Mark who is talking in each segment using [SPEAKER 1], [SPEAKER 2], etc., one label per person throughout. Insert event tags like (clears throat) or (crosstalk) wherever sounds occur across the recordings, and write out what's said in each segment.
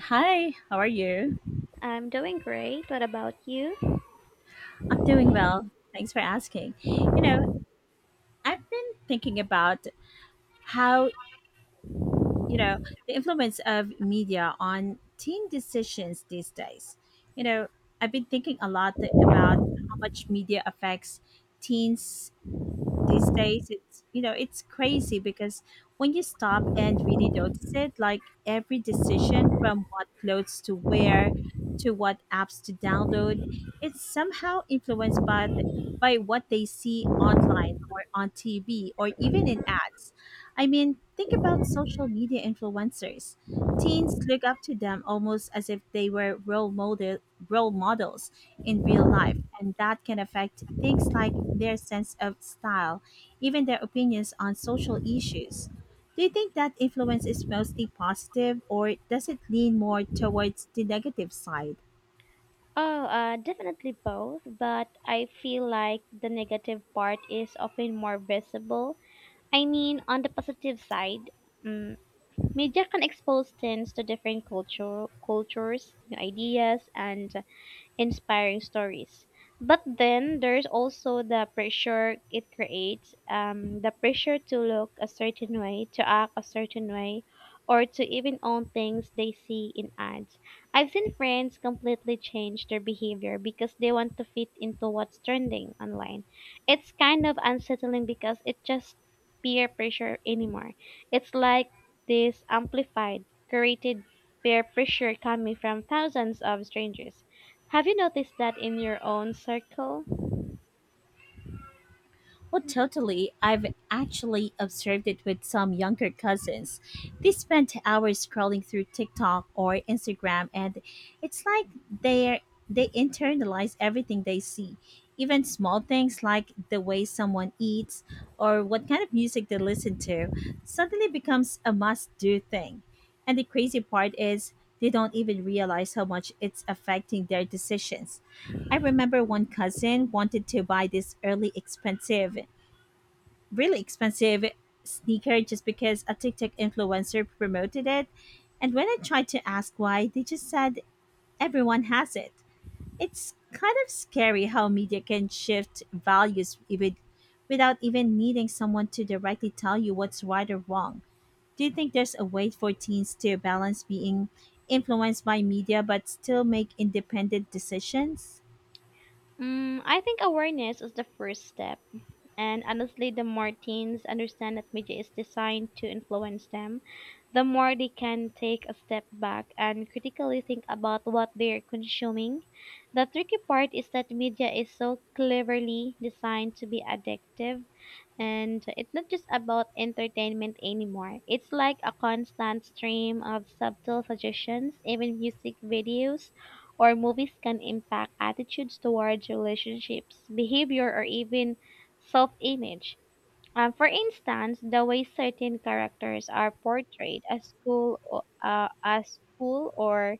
[SPEAKER 1] Hi, how are you?
[SPEAKER 2] I'm doing great. What about you?
[SPEAKER 1] I'm doing well. Thanks for asking. You know, I've been thinking about how, you know, the influence of media on teen decisions these days. You know, I've been thinking a lot about how much media affects teens' these days it's crazy because when you stop and really notice it, like every decision from what clothes to wear to what apps to download, it's somehow influenced by by what they see online or on TV or even in ads. I mean, think about social media influencers. Teens look up to them almost as if they were role models in real life, and that can affect things like their sense of style, even their opinions on social issues. Do you think that influence is mostly positive, or does it lean more towards the negative side?
[SPEAKER 2] Oh, Definitely both, but I feel like the negative part is often more visible. I mean, on the positive side, um, media can expose things to different cultures, new ideas, and inspiring stories. But then there's also the pressure it creates, the pressure to look a certain way, to act a certain way, or to even own things they see in ads. I've seen friends completely change their behavior because they want to fit into what's trending online. It's kind of unsettling because it just peer pressure anymore. It's like this amplified, created peer pressure coming from thousands of strangers. Have you noticed that in your own circle?
[SPEAKER 1] Oh, totally. I've actually observed it with some younger cousins. They spend hours scrolling through TikTok or Instagram, and it's like they they internalize everything they see, even small things like the way someone eats or what kind of music they listen to. Suddenly becomes a must-do thing. And the crazy part is they don't even realize how much it's affecting their decisions. I remember one cousin wanted to buy this early expensive really expensive sneaker just because a TikTok influencer promoted it. And when I tried to ask why, they just said everyone has it. It's kind of scary how media can shift values, even without even needing someone to directly tell you what's right or wrong. Do you think there's a way for teens to balance being influenced by media but still make independent decisions?
[SPEAKER 2] I think awareness is the first step. And honestly, the more teens understand that media is designed to influence them, the more they can take a step back and critically think about what they're consuming. The tricky part is that media is so cleverly designed to be addictive, and it's not just about entertainment anymore. It's like a constant stream of subtle suggestions, even music videos or movies can impact attitudes towards relationships, behavior, or even self-image. For instance, the way certain characters are portrayed as cool, as cool or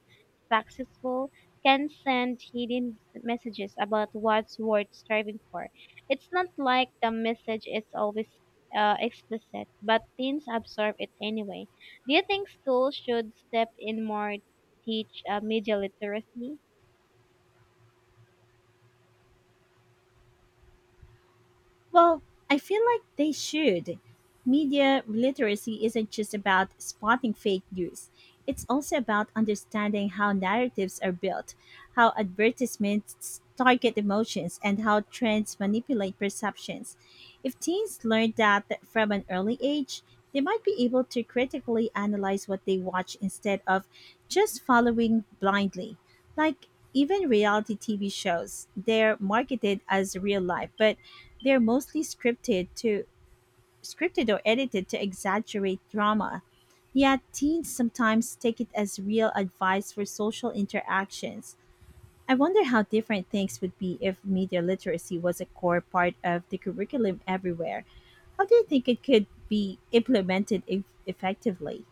[SPEAKER 2] successful can send hidden messages about what's worth striving for. It's not like the message is always explicit, but teens absorb it anyway. Do you think schools should step in more, teach media literacy?
[SPEAKER 1] Well, I feel like they should. Media literacy isn't just about spotting fake news. It's also about understanding how narratives are built, how advertisements target emotions, and how trends manipulate perceptions. If teens learn that from an early age, they might be able to critically analyze what they watch instead of just following blindly. Like even reality TV shows, they're marketed as real life, but they're mostly scripted or edited to exaggerate drama. Yet teens sometimes take it as real advice for social interactions. I wonder how different things would be if media literacy was a core part of the curriculum everywhere. How do you think it could be implemented effectively?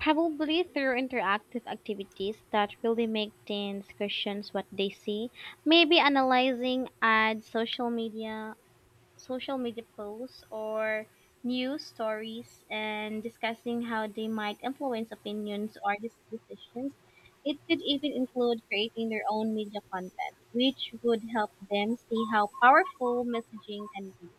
[SPEAKER 2] Probably through interactive activities that really make teens question what they see. Maybe analyzing ads, social media posts, or news stories, and discussing how they might influence opinions or decisions. It could even include creating their own media content, which would help them see how powerful messaging can be.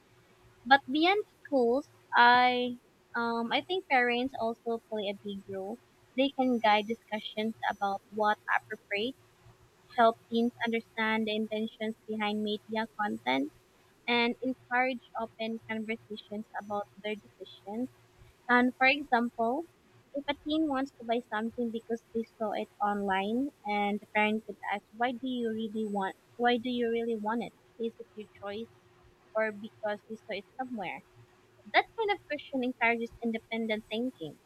[SPEAKER 2] But beyond schools, I I think parents also play a big role. They can guide discussions about what appropriate, help teens understand the intentions behind media content, and encourage open conversations about their decisions. And for example, if a teen wants to buy something because they saw it online, and the parent could ask, "Why do you really want it? Is it your choice, or because you saw it somewhere?" That kind of question encourages independent thinking.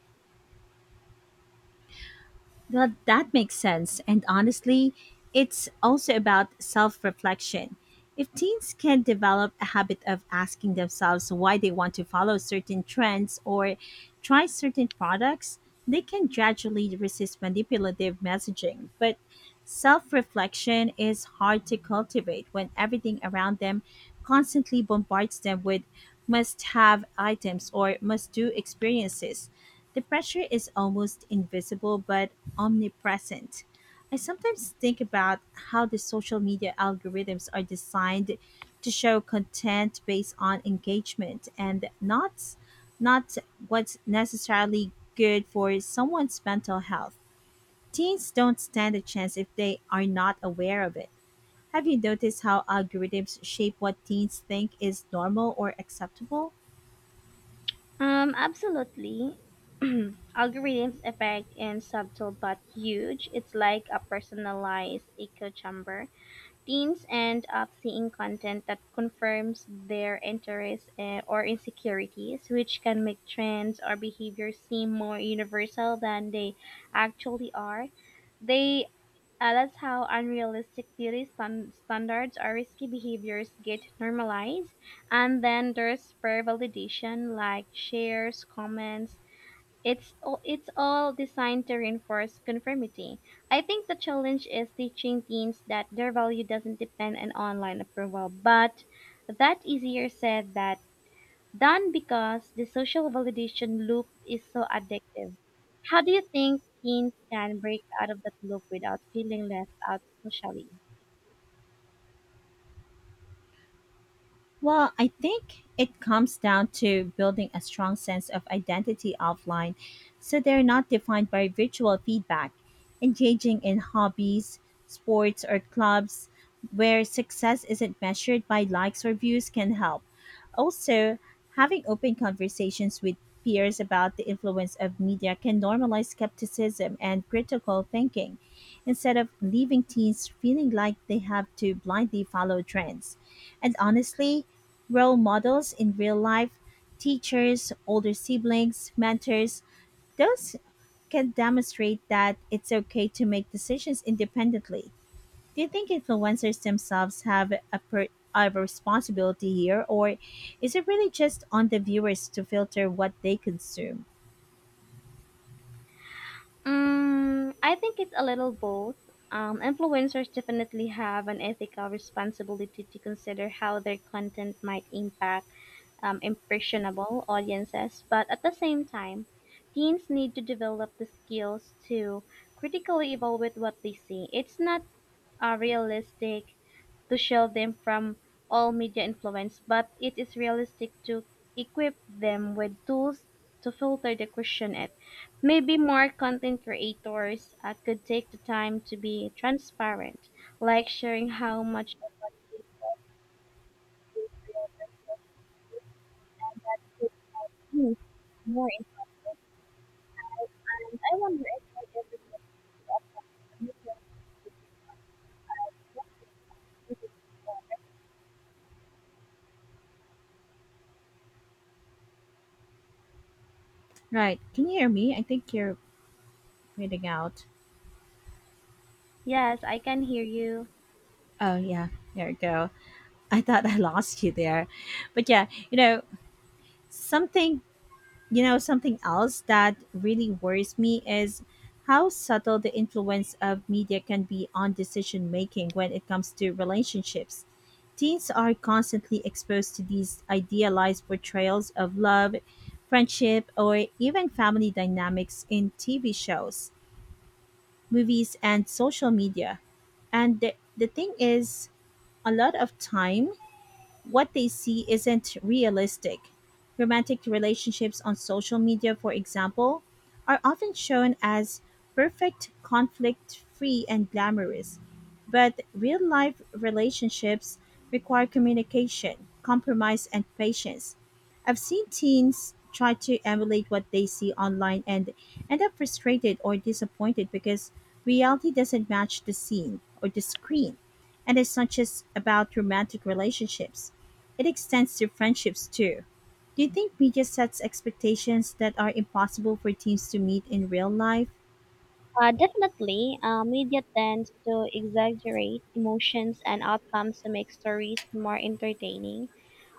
[SPEAKER 1] Well, that makes sense. And honestly, it's also about self reflection. If teens can develop a habit of asking themselves why they want to follow certain trends or try certain products, they can gradually resist manipulative messaging. But self reflection is hard to cultivate when everything around them constantly bombards them with must have items or must do experiences. The pressure is almost invisible but omnipresent. I sometimes think about how the social media algorithms are designed to show content based on engagement and not what's necessarily good for someone's mental health. Teens don't stand a chance if they are not aware of it. Have you noticed how algorithms shape what teens think is normal or acceptable?
[SPEAKER 2] Absolutely. (clears throat) Algorithms affect in subtle but huge. It's like a personalized echo chamber. Teens end up seeing content that confirms their interests or insecurities, which can make trends or behaviors seem more universal than they actually are. They That's how unrealistic beauty standards or risky behaviors get normalized. And then there's peer validation, like shares, comments. It's all designed to reinforce conformity. I think the challenge is teaching teens that their value doesn't depend on online approval, but that's easier said than done because the social validation loop is so addictive. How do you think teens can break out of that loop without feeling left out socially?
[SPEAKER 1] Well, I think it comes down to building a strong sense of identity offline so they're not defined by visual feedback, engaging in hobbies, sports, or clubs where success isn't measured by likes or views can help. Also, having open conversations with peers about the influence of media can normalize skepticism and critical thinking instead of leaving teens feeling like they have to blindly follow trends. And honestly, role models in real life, teachers, older siblings, mentors, those can demonstrate that it's okay to make decisions independently. Do you think influencers themselves have a responsibility here, or is it really just on the viewers to filter what they consume?
[SPEAKER 2] I think it's a little both. Influencers definitely have an ethical responsibility to consider how their content might impact impressionable audiences, but at the same time, teens need to develop the skills to critically evaluate what they see. It's not realistic to shield them from all media influence, but it is realistic to equip them with tools to filter the question it. Maybe more content creators could take the time to be transparent, like sharing how much of what they post is real versus fake, and that could help you more insight. And I wonder if you ever get to a media.
[SPEAKER 1] Right. Can you hear me? I think you're reading out.
[SPEAKER 2] Yes, I can hear you.
[SPEAKER 1] Oh, yeah. There you go. I thought I lost you there. But yeah, you know, something you know, something else that really worries me is how subtle the influence of media can be on decision making when it comes to relationships. Teens are constantly exposed to these idealized portrayals of love, friendship, or even family dynamics in TV shows, movies, and social media. And the thing is, a lot of time what they see isn't realistic. Romantic relationships on social media, for example, are often shown as perfect, conflict free, and glamorous. But real life relationships require communication, compromise, and patience. I've seen teens try to emulate what they see online and end up frustrated or disappointed because reality doesn't match the scene or the screen. And it's not just about romantic relationships. It extends to friendships too. Do you think media sets expectations that are impossible for teams to meet in real life?
[SPEAKER 2] Definitely, media tends to exaggerate emotions and outcomes to make stories more entertaining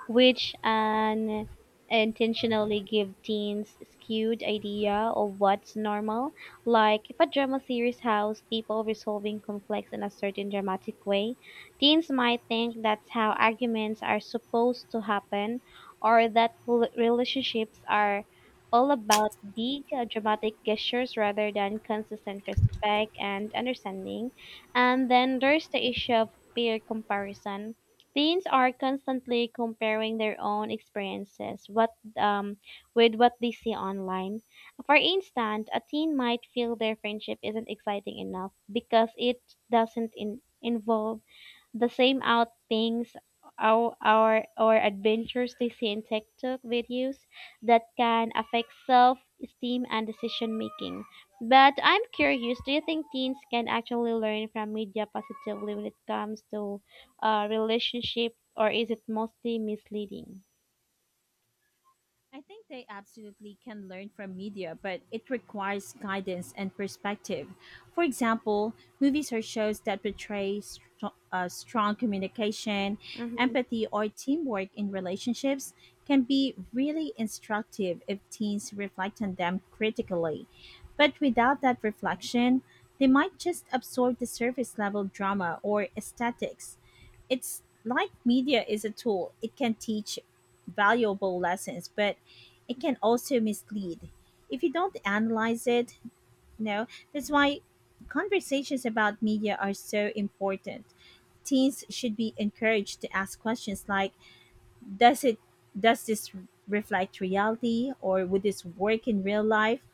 [SPEAKER 2] which an intentionally give teens skewed idea of what's normal. Like if a drama series has people resolving conflicts in a certain dramatic way, teens might think that's how arguments are supposed to happen, or that relationships are all about big dramatic gestures rather than consistent respect and understanding. And then there's the issue of peer comparison. Teens are constantly comparing their own experiences um, with what they see online. For instance, a teen might feel their friendship isn't exciting enough because it doesn't involve the same out things our or adventures they see in TikTok videos that can affect self-esteem and decision making. But I'm curious, do you think teens can actually learn from media positively when it comes to relationship, or is it mostly misleading?
[SPEAKER 1] I think they absolutely can learn from media, but it requires guidance and perspective. For example, movies or shows that portray strong communication,
[SPEAKER 2] Mhm.
[SPEAKER 1] empathy, or teamwork in relationships can be really instructive if teens reflect on them critically. But without that reflection, they might just absorb the surface level drama or aesthetics. It's like media is a tool, it can teach valuable lessons, but it can also mislead if you don't analyze it you know that's why conversations about media are so important. Teens should be encouraged to ask questions like does it does this reflect reality, or would this work in real life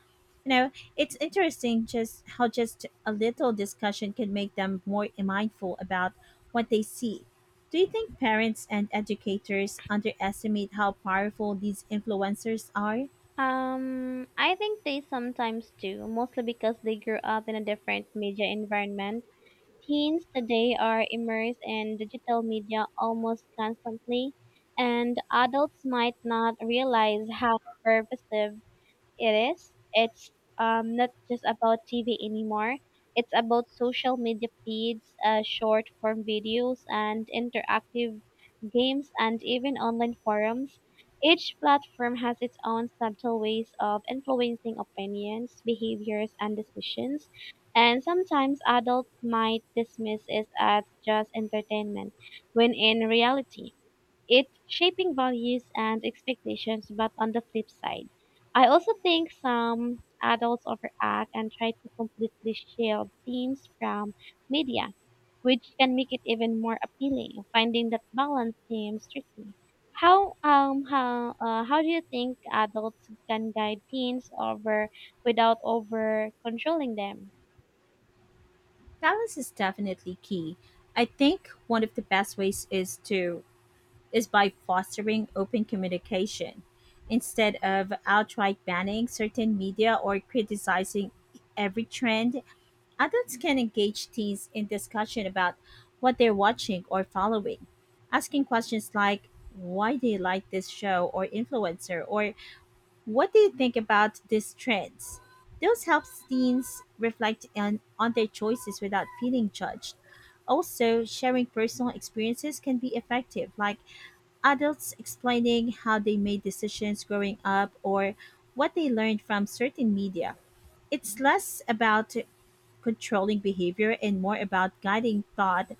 [SPEAKER 1] you know it's interesting just how just a little discussion can make them more mindful about what they see. Do you think parents and educators underestimate how powerful these influencers are?
[SPEAKER 2] I think they sometimes do, mostly because they grew up in a different media environment. Teens today are immersed in digital media almost constantly, and adults might not realize how pervasive it is. It's not just about TV anymore. It's about social media feeds, short form videos, and interactive games, and even online forums. Each platform has its own subtle ways of influencing opinions, behaviors, and decisions, and sometimes adults might dismiss it as just entertainment, when in reality, it shaping values and expectations, but on the flip side, I also think some adults overact and try to completely shield themes from media, which can make it even more appealing. Finding that balance seems tricky. How do you think adults can guide teens over without over controlling them?
[SPEAKER 1] Balance is definitely key. I think one of the best ways is by fostering open communication instead of outright banning certain media or criticizing every trend. Adults can engage teens in discussion about what they're watching or following, asking questions like why do you like this show or influencer, or what do you think about these trends? Those help teens reflect on their choices without feeling judged. Also, sharing personal experiences can be effective, like adults explaining how they made decisions growing up or what they learned from certain media. It's less about controlling behavior and more about guiding thought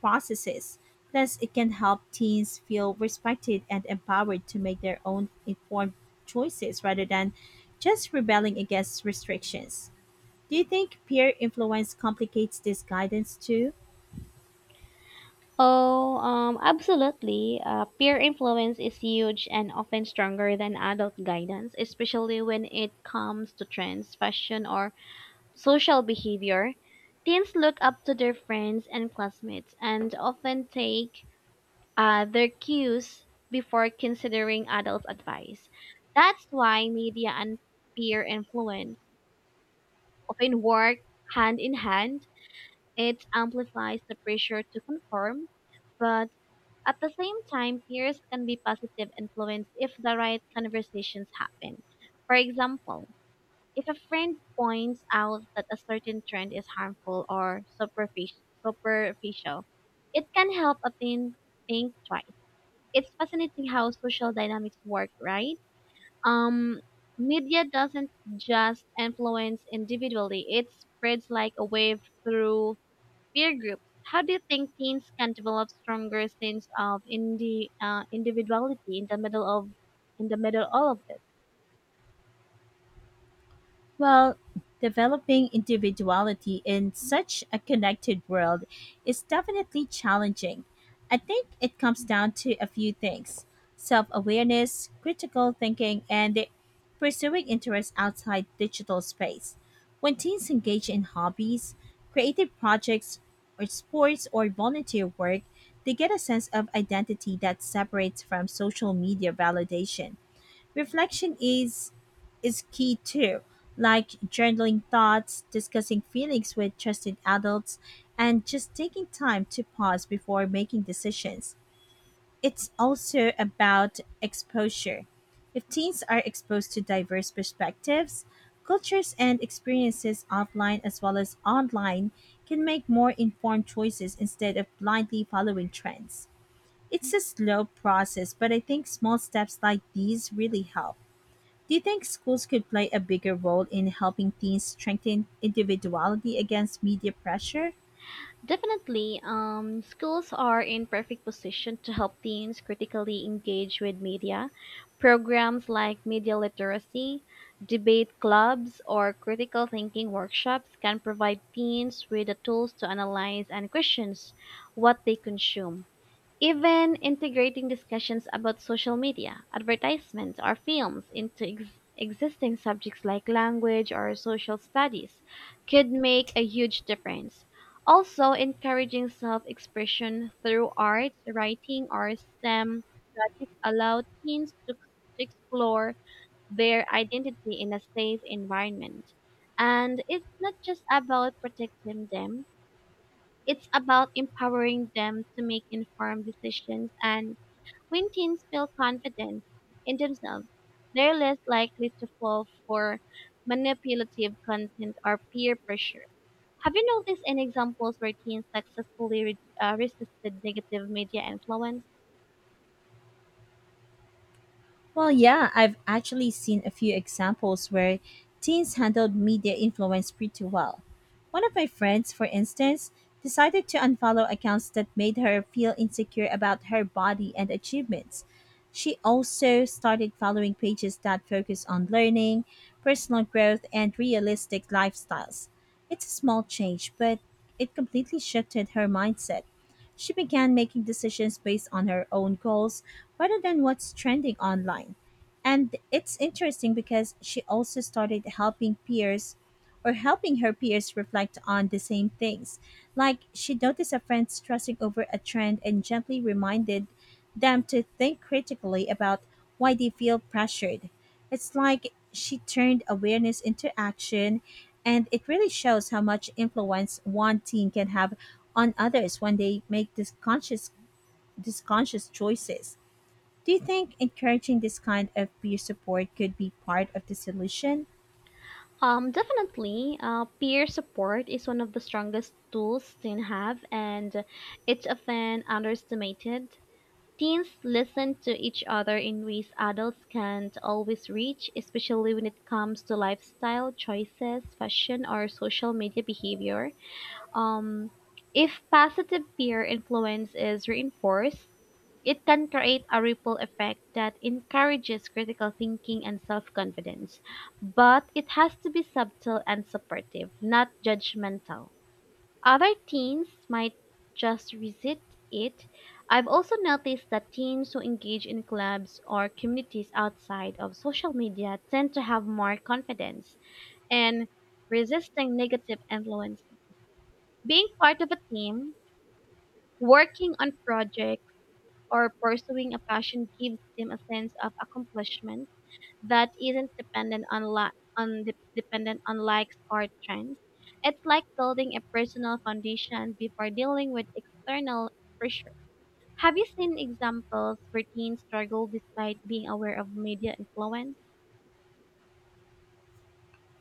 [SPEAKER 1] processes. Plus, it can help teens feel respected and empowered to make their own informed choices rather than just rebelling against restrictions. Do you think peer influence complicates this guidance too?
[SPEAKER 2] Oh, Absolutely. Peer influence is huge and often stronger than adult guidance, especially when it comes to trends, fashion, or social behavior. Teens look up to their friends and classmates and often take their cues before considering adult advice. That's why media and peer influence often work hand in hand. It amplifies the pressure to conform, but at the same time, peers can be positive influence if the right conversations happen. For example, if a friend points out that a certain trend is harmful or superficial, it can help a teen think twice. It's fascinating how social dynamics work, right? Um, Media doesn't just influence individually; it spreads like a wave through peer groups. How do you think teens can develop stronger sense of individuality in the middle of in the middle all of this?
[SPEAKER 1] Well, developing individuality in such a connected world is definitely challenging. I think it comes down to a few things: self awareness, critical thinking, and pursuing interests outside digital space. When teens engage in hobbies, creative projects, or sports or volunteer work, they get a sense of identity that separates from social media validation. Reflection is key too, like journaling thoughts, discussing feelings with trusted adults, and just taking time to pause before making decisions. It's also about exposure. If teens are exposed to diverse perspectives, cultures, and experiences offline as well as online, can make more informed choices instead of blindly following trends. It's a slow process, but I think small steps like these really help. Do you think schools could play a bigger role in helping teens strengthen individuality against media pressure?
[SPEAKER 2] Definitely, schools are in perfect position to help teens critically engage with media. Programs like media literacy, debate clubs, or critical thinking workshops can provide teens with the tools to analyze and question what they consume. Even integrating discussions about social media, advertisements, or films into existing subjects like language or social studies could make a huge difference. Also, encouraging self expression through art, writing, or STEM projects allow teens to explore their identity in a safe environment. And it's not just about protecting them, it's about empowering them to make informed decisions, and when teens feel confident in themselves, they're less likely to fall for manipulative content or peer pressure. Have you noticed any examples where teens successfully resisted negative media influence?
[SPEAKER 1] Well, yeah, I've actually seen a few examples where teens handled media influence pretty well. One of my friends, for instance, decided to unfollow accounts that made her feel insecure about her body and achievements. She also started following pages that focus on learning, personal growth, and realistic lifestyles. It's a small change, but it completely shifted her mindset. She began making decisions based on her own goals rather than what's trending online. And it's interesting because she also started helping her peers reflect on the same things. Like she noticed a friend stressing over a trend and gently reminded them to think critically about why they feel pressured. It's like she turned awareness into action, and it really shows how much influence one teen can have on others when they make these conscious choices. Do you think encouraging this kind of peer support could be part of the solution?
[SPEAKER 2] Definitely, peer support is one of the strongest tools teens have, and it's often underestimated. Teens listen to each other in ways adults can't always reach, especially when it comes to lifestyle choices, fashion, or social media behavior. Um, if positive peer influence is reinforced, it can create a ripple effect that encourages critical thinking and self confidence. But it has to be subtle and supportive, not judgmental. Other teens might just resist it. I've also noticed that teens who engage in clubs or communities outside of social media tend to have more confidence and resisting negative influences. Being part of a team, working on projects, or pursuing a passion gives them a sense of accomplishment that isn't dependent on li- on de- dependent on likes or trends. It's like building a personal foundation before dealing with external pressures. Have you seen examples where teens struggle despite being aware of media influence?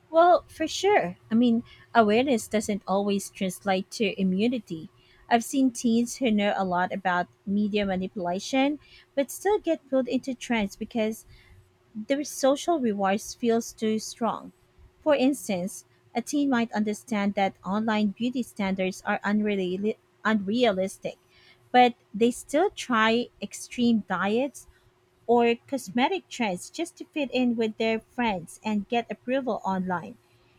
[SPEAKER 1] Well, for sure. I mean, awareness doesn't always translate to immunity. I've seen teens who know a lot about media manipulation but still get pulled into trends because the social rewards feels too strong. For instance, a teen might understand that online beauty standards are unrealistic, but they still try extreme diets or cosmetic trends just to fit in with their friends and get approval online.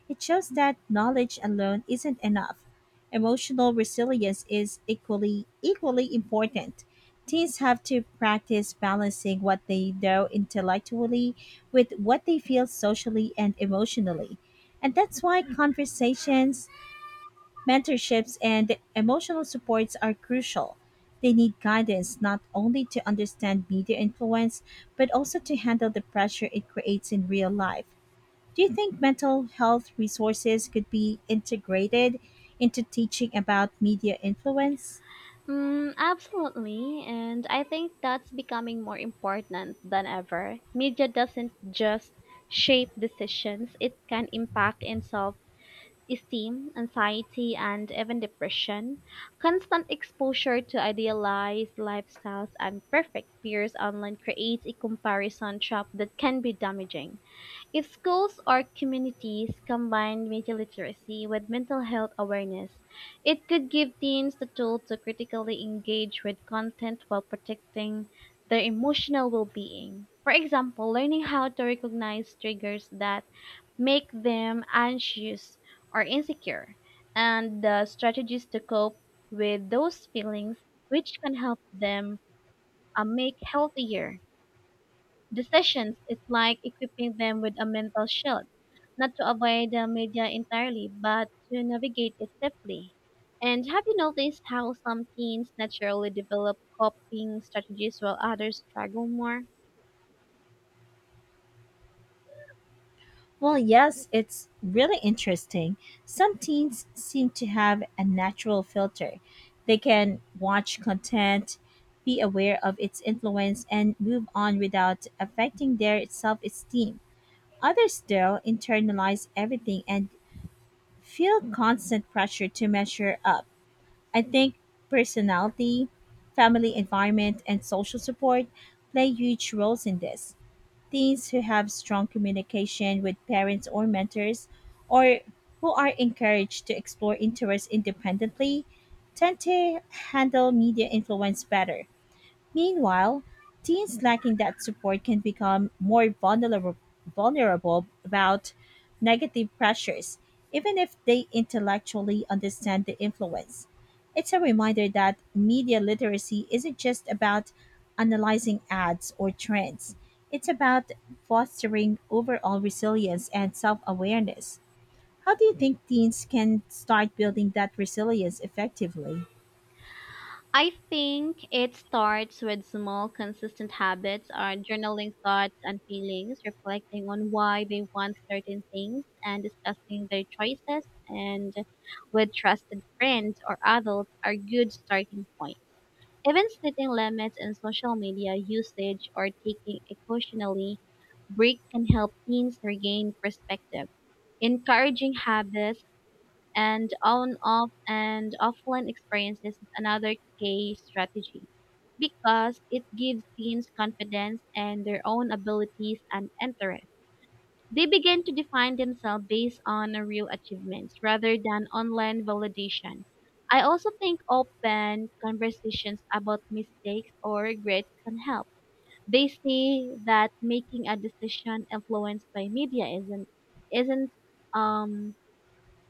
[SPEAKER 1] It shows that knowledge alone isn't enough. Emotional resilience is equally important. Teens have to practice balancing what they know intellectually with what they feel socially and emotionally. And that's why conversations, mentorships and emotional supports are crucial. They need guidance not only to understand media influence, but also to handle the pressure it creates in real life. Do you think mental health resources could be integrated into teaching about media influence?
[SPEAKER 2] Absolutely, and I think that's becoming more important than ever. Media doesn't just shape decisions; it can impact and solve Esteem, anxiety, and even depression, constant exposure to idealized lifestyles and perfect peers online creates a comparison trap that can be damaging. If schools or communities combine media literacy with mental health awareness, it could give teens the tool to critically engage with content while protecting their emotional well being. For example, learning how to recognize triggers that make them anxious or insecure, and the strategies to cope with those feelings, which can help them make healthier decisions. It's like equipping them with a mental shield, not to avoid the media entirely, but to navigate it safely. And have you noticed how some teens naturally develop coping strategies while others struggle more?
[SPEAKER 1] Well, yes, it's really interesting. Some teens seem to have a natural filter. They can watch content, be aware of its influence, and move on without affecting their self esteem. Others, still internalize everything and feel constant pressure to measure up. I think personality, family environment, and social support play huge roles in this. Teens who have strong communication with parents or mentors, or who are encouraged to explore interests independently, tend to handle media influence better. Meanwhile, teens lacking that support can become more vulnerable about negative pressures, even if they intellectually understand the influence. It's a reminder that media literacy isn't just about analyzing ads or trends, it's about fostering overall resilience and self awareness. How do you think teens can start building that resilience effectively?
[SPEAKER 2] I think it starts with small, consistent habits or journaling thoughts and feelings, reflecting on why they want certain things and discussing their choices and with trusted friends or adults are good starting point. Even setting limits in social media usage or taking occasionally break can help teens regain perspective. Encouraging habits and on off and offline experiences is another key strategy because it gives teens confidence in their own abilities and interests. They begin to define themselves based on real achievements rather than online validation. I also think open conversations about mistakes or regrets can help. They see that making a decision influenced by media isn't um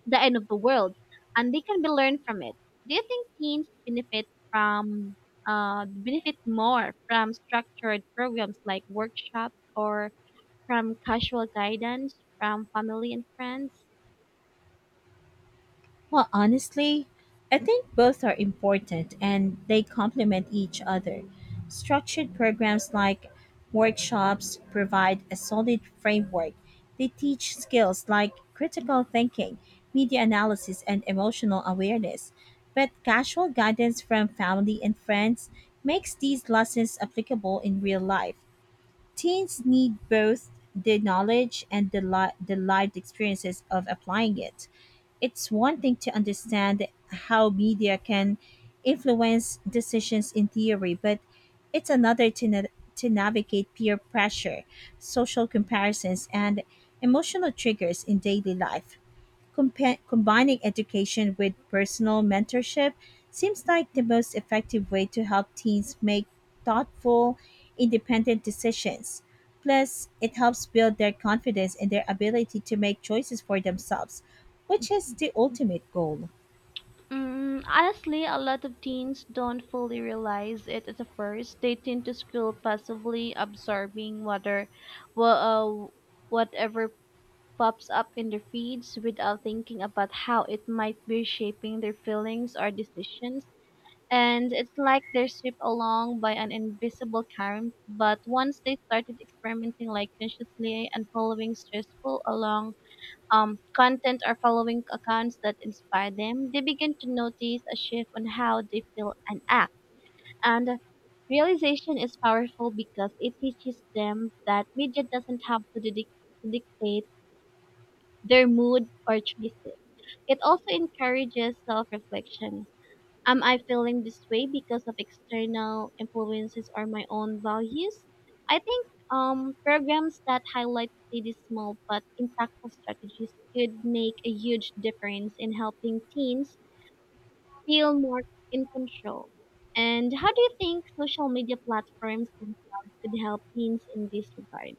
[SPEAKER 2] the end of the world, and they can be learned from it. Do you think teens benefit from benefit more from structured programs like workshops or from casual guidance from family and friends?
[SPEAKER 1] Well, honestly, I think both are important and they complement each other. Structured programs like workshops provide a solid framework. They teach skills like critical thinking, media analysis, and emotional awareness. But casual guidance from family and friends makes these lessons applicable in real life. Teens need both the knowledge and the lived experiences of applying it. It's one thing to understand how media can influence decisions in theory, but it's another to navigate peer pressure, social comparisons, and emotional triggers in daily life. Combining education with personal mentorship seems like the most effective way to help teens make thoughtful, independent decisions. Plus, it helps build their confidence and their ability to make choices for themselves, which is the ultimate goal.
[SPEAKER 2] Honestly, a lot of teens don't fully realize it at the first. They tend to school passively absorbing well, uh, whatever pops up in their feeds without thinking about how it might be shaping their feelings or decisions. And it's like they're stripped along by an invisible current. But once they started experimenting, like consciously and following stressful along content or following accounts that inspire them, they begin to notice a shift on how they feel and act. And realization is powerful because it teaches them that media doesn't have to dictate their mood or choices. It also encourages self reflection. Am I feeling this way because of external influences or my own values? I think programs that highlight these small but impactful strategies could make a huge difference in helping teens feel more in control. And how do you think social media platforms themselves could help teens in this regard?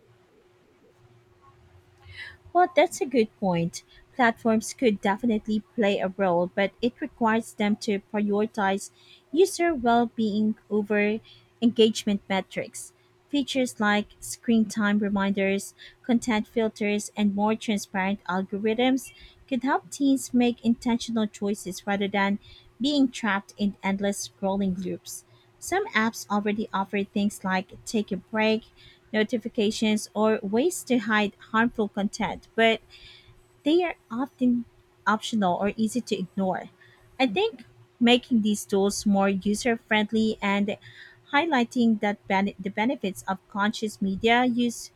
[SPEAKER 1] Well, that's a good point. Platforms could definitely play a role, but it requires them to prioritize user well being over engagement metrics. Features like screen time reminders, content filters, and more transparent algorithms could help teens make intentional choices rather than being trapped in endless scrolling loops. Some apps already offer things like take a break, notifications, or ways to hide harmful content, but they are often optional or easy to ignore. I think making these tools more user friendly and highlighting the benefits of conscious media use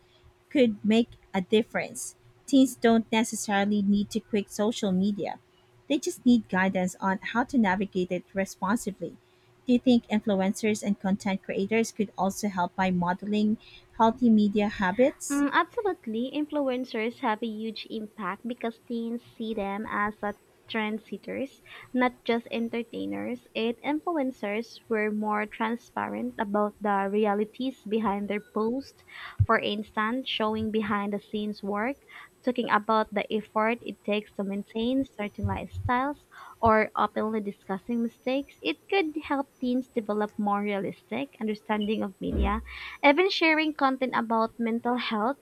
[SPEAKER 1] could make a difference. Teens don't necessarily need to quit social media. They just need guidance on how to navigate it responsibly. Do you think influencers and content creators could also help by modeling healthy media habits?
[SPEAKER 2] Absolutely. Influencers have a huge impact because teens see them as a trendsetters, not just entertainers. It influencers were more transparent about the realities behind their posts. For instance, showing behind the scenes work, talking about the effort it takes to maintain certain lifestyles, or openly discussing mistakes. It could help teens develop more realistic understanding of media even sharing content about mental health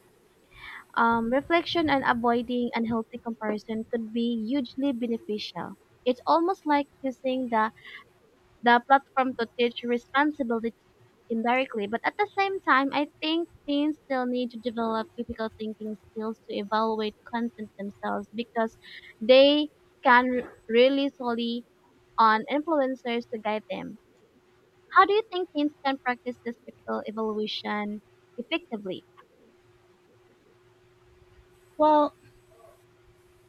[SPEAKER 2] reflection and avoiding unhealthy comparison could be hugely beneficial. It's almost like using the platform to teach responsibility indirectly, but at the same time, I think teens still need to develop critical thinking skills to evaluate content themselves because they can really solely on influencers to guide them. How do you think teens can practice this critical evaluation effectively?
[SPEAKER 1] Well,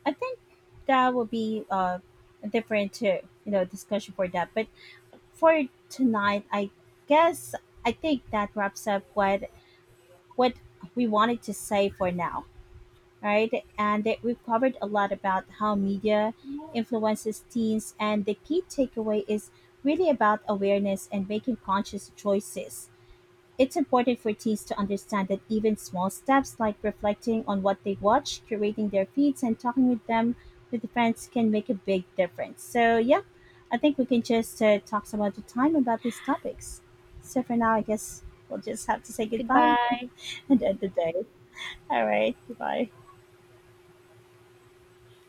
[SPEAKER 1] I think that will be a different discussion for that. But for tonight, guess I think that wraps up what we wanted to say for now. Right? And that we've covered a lot about how media influences teens, and the key takeaway is really about awareness and making conscious choices. It's important for teens to understand that even small steps like reflecting on what they watch, curating their feeds, and talking with friends can make a big difference. So, yeah, I think we can just talk some other time about these topics. So, for now, I guess we'll just have to say goodbye
[SPEAKER 2] Goodbye.
[SPEAKER 1] (laughs) and end the day. All right, goodbye.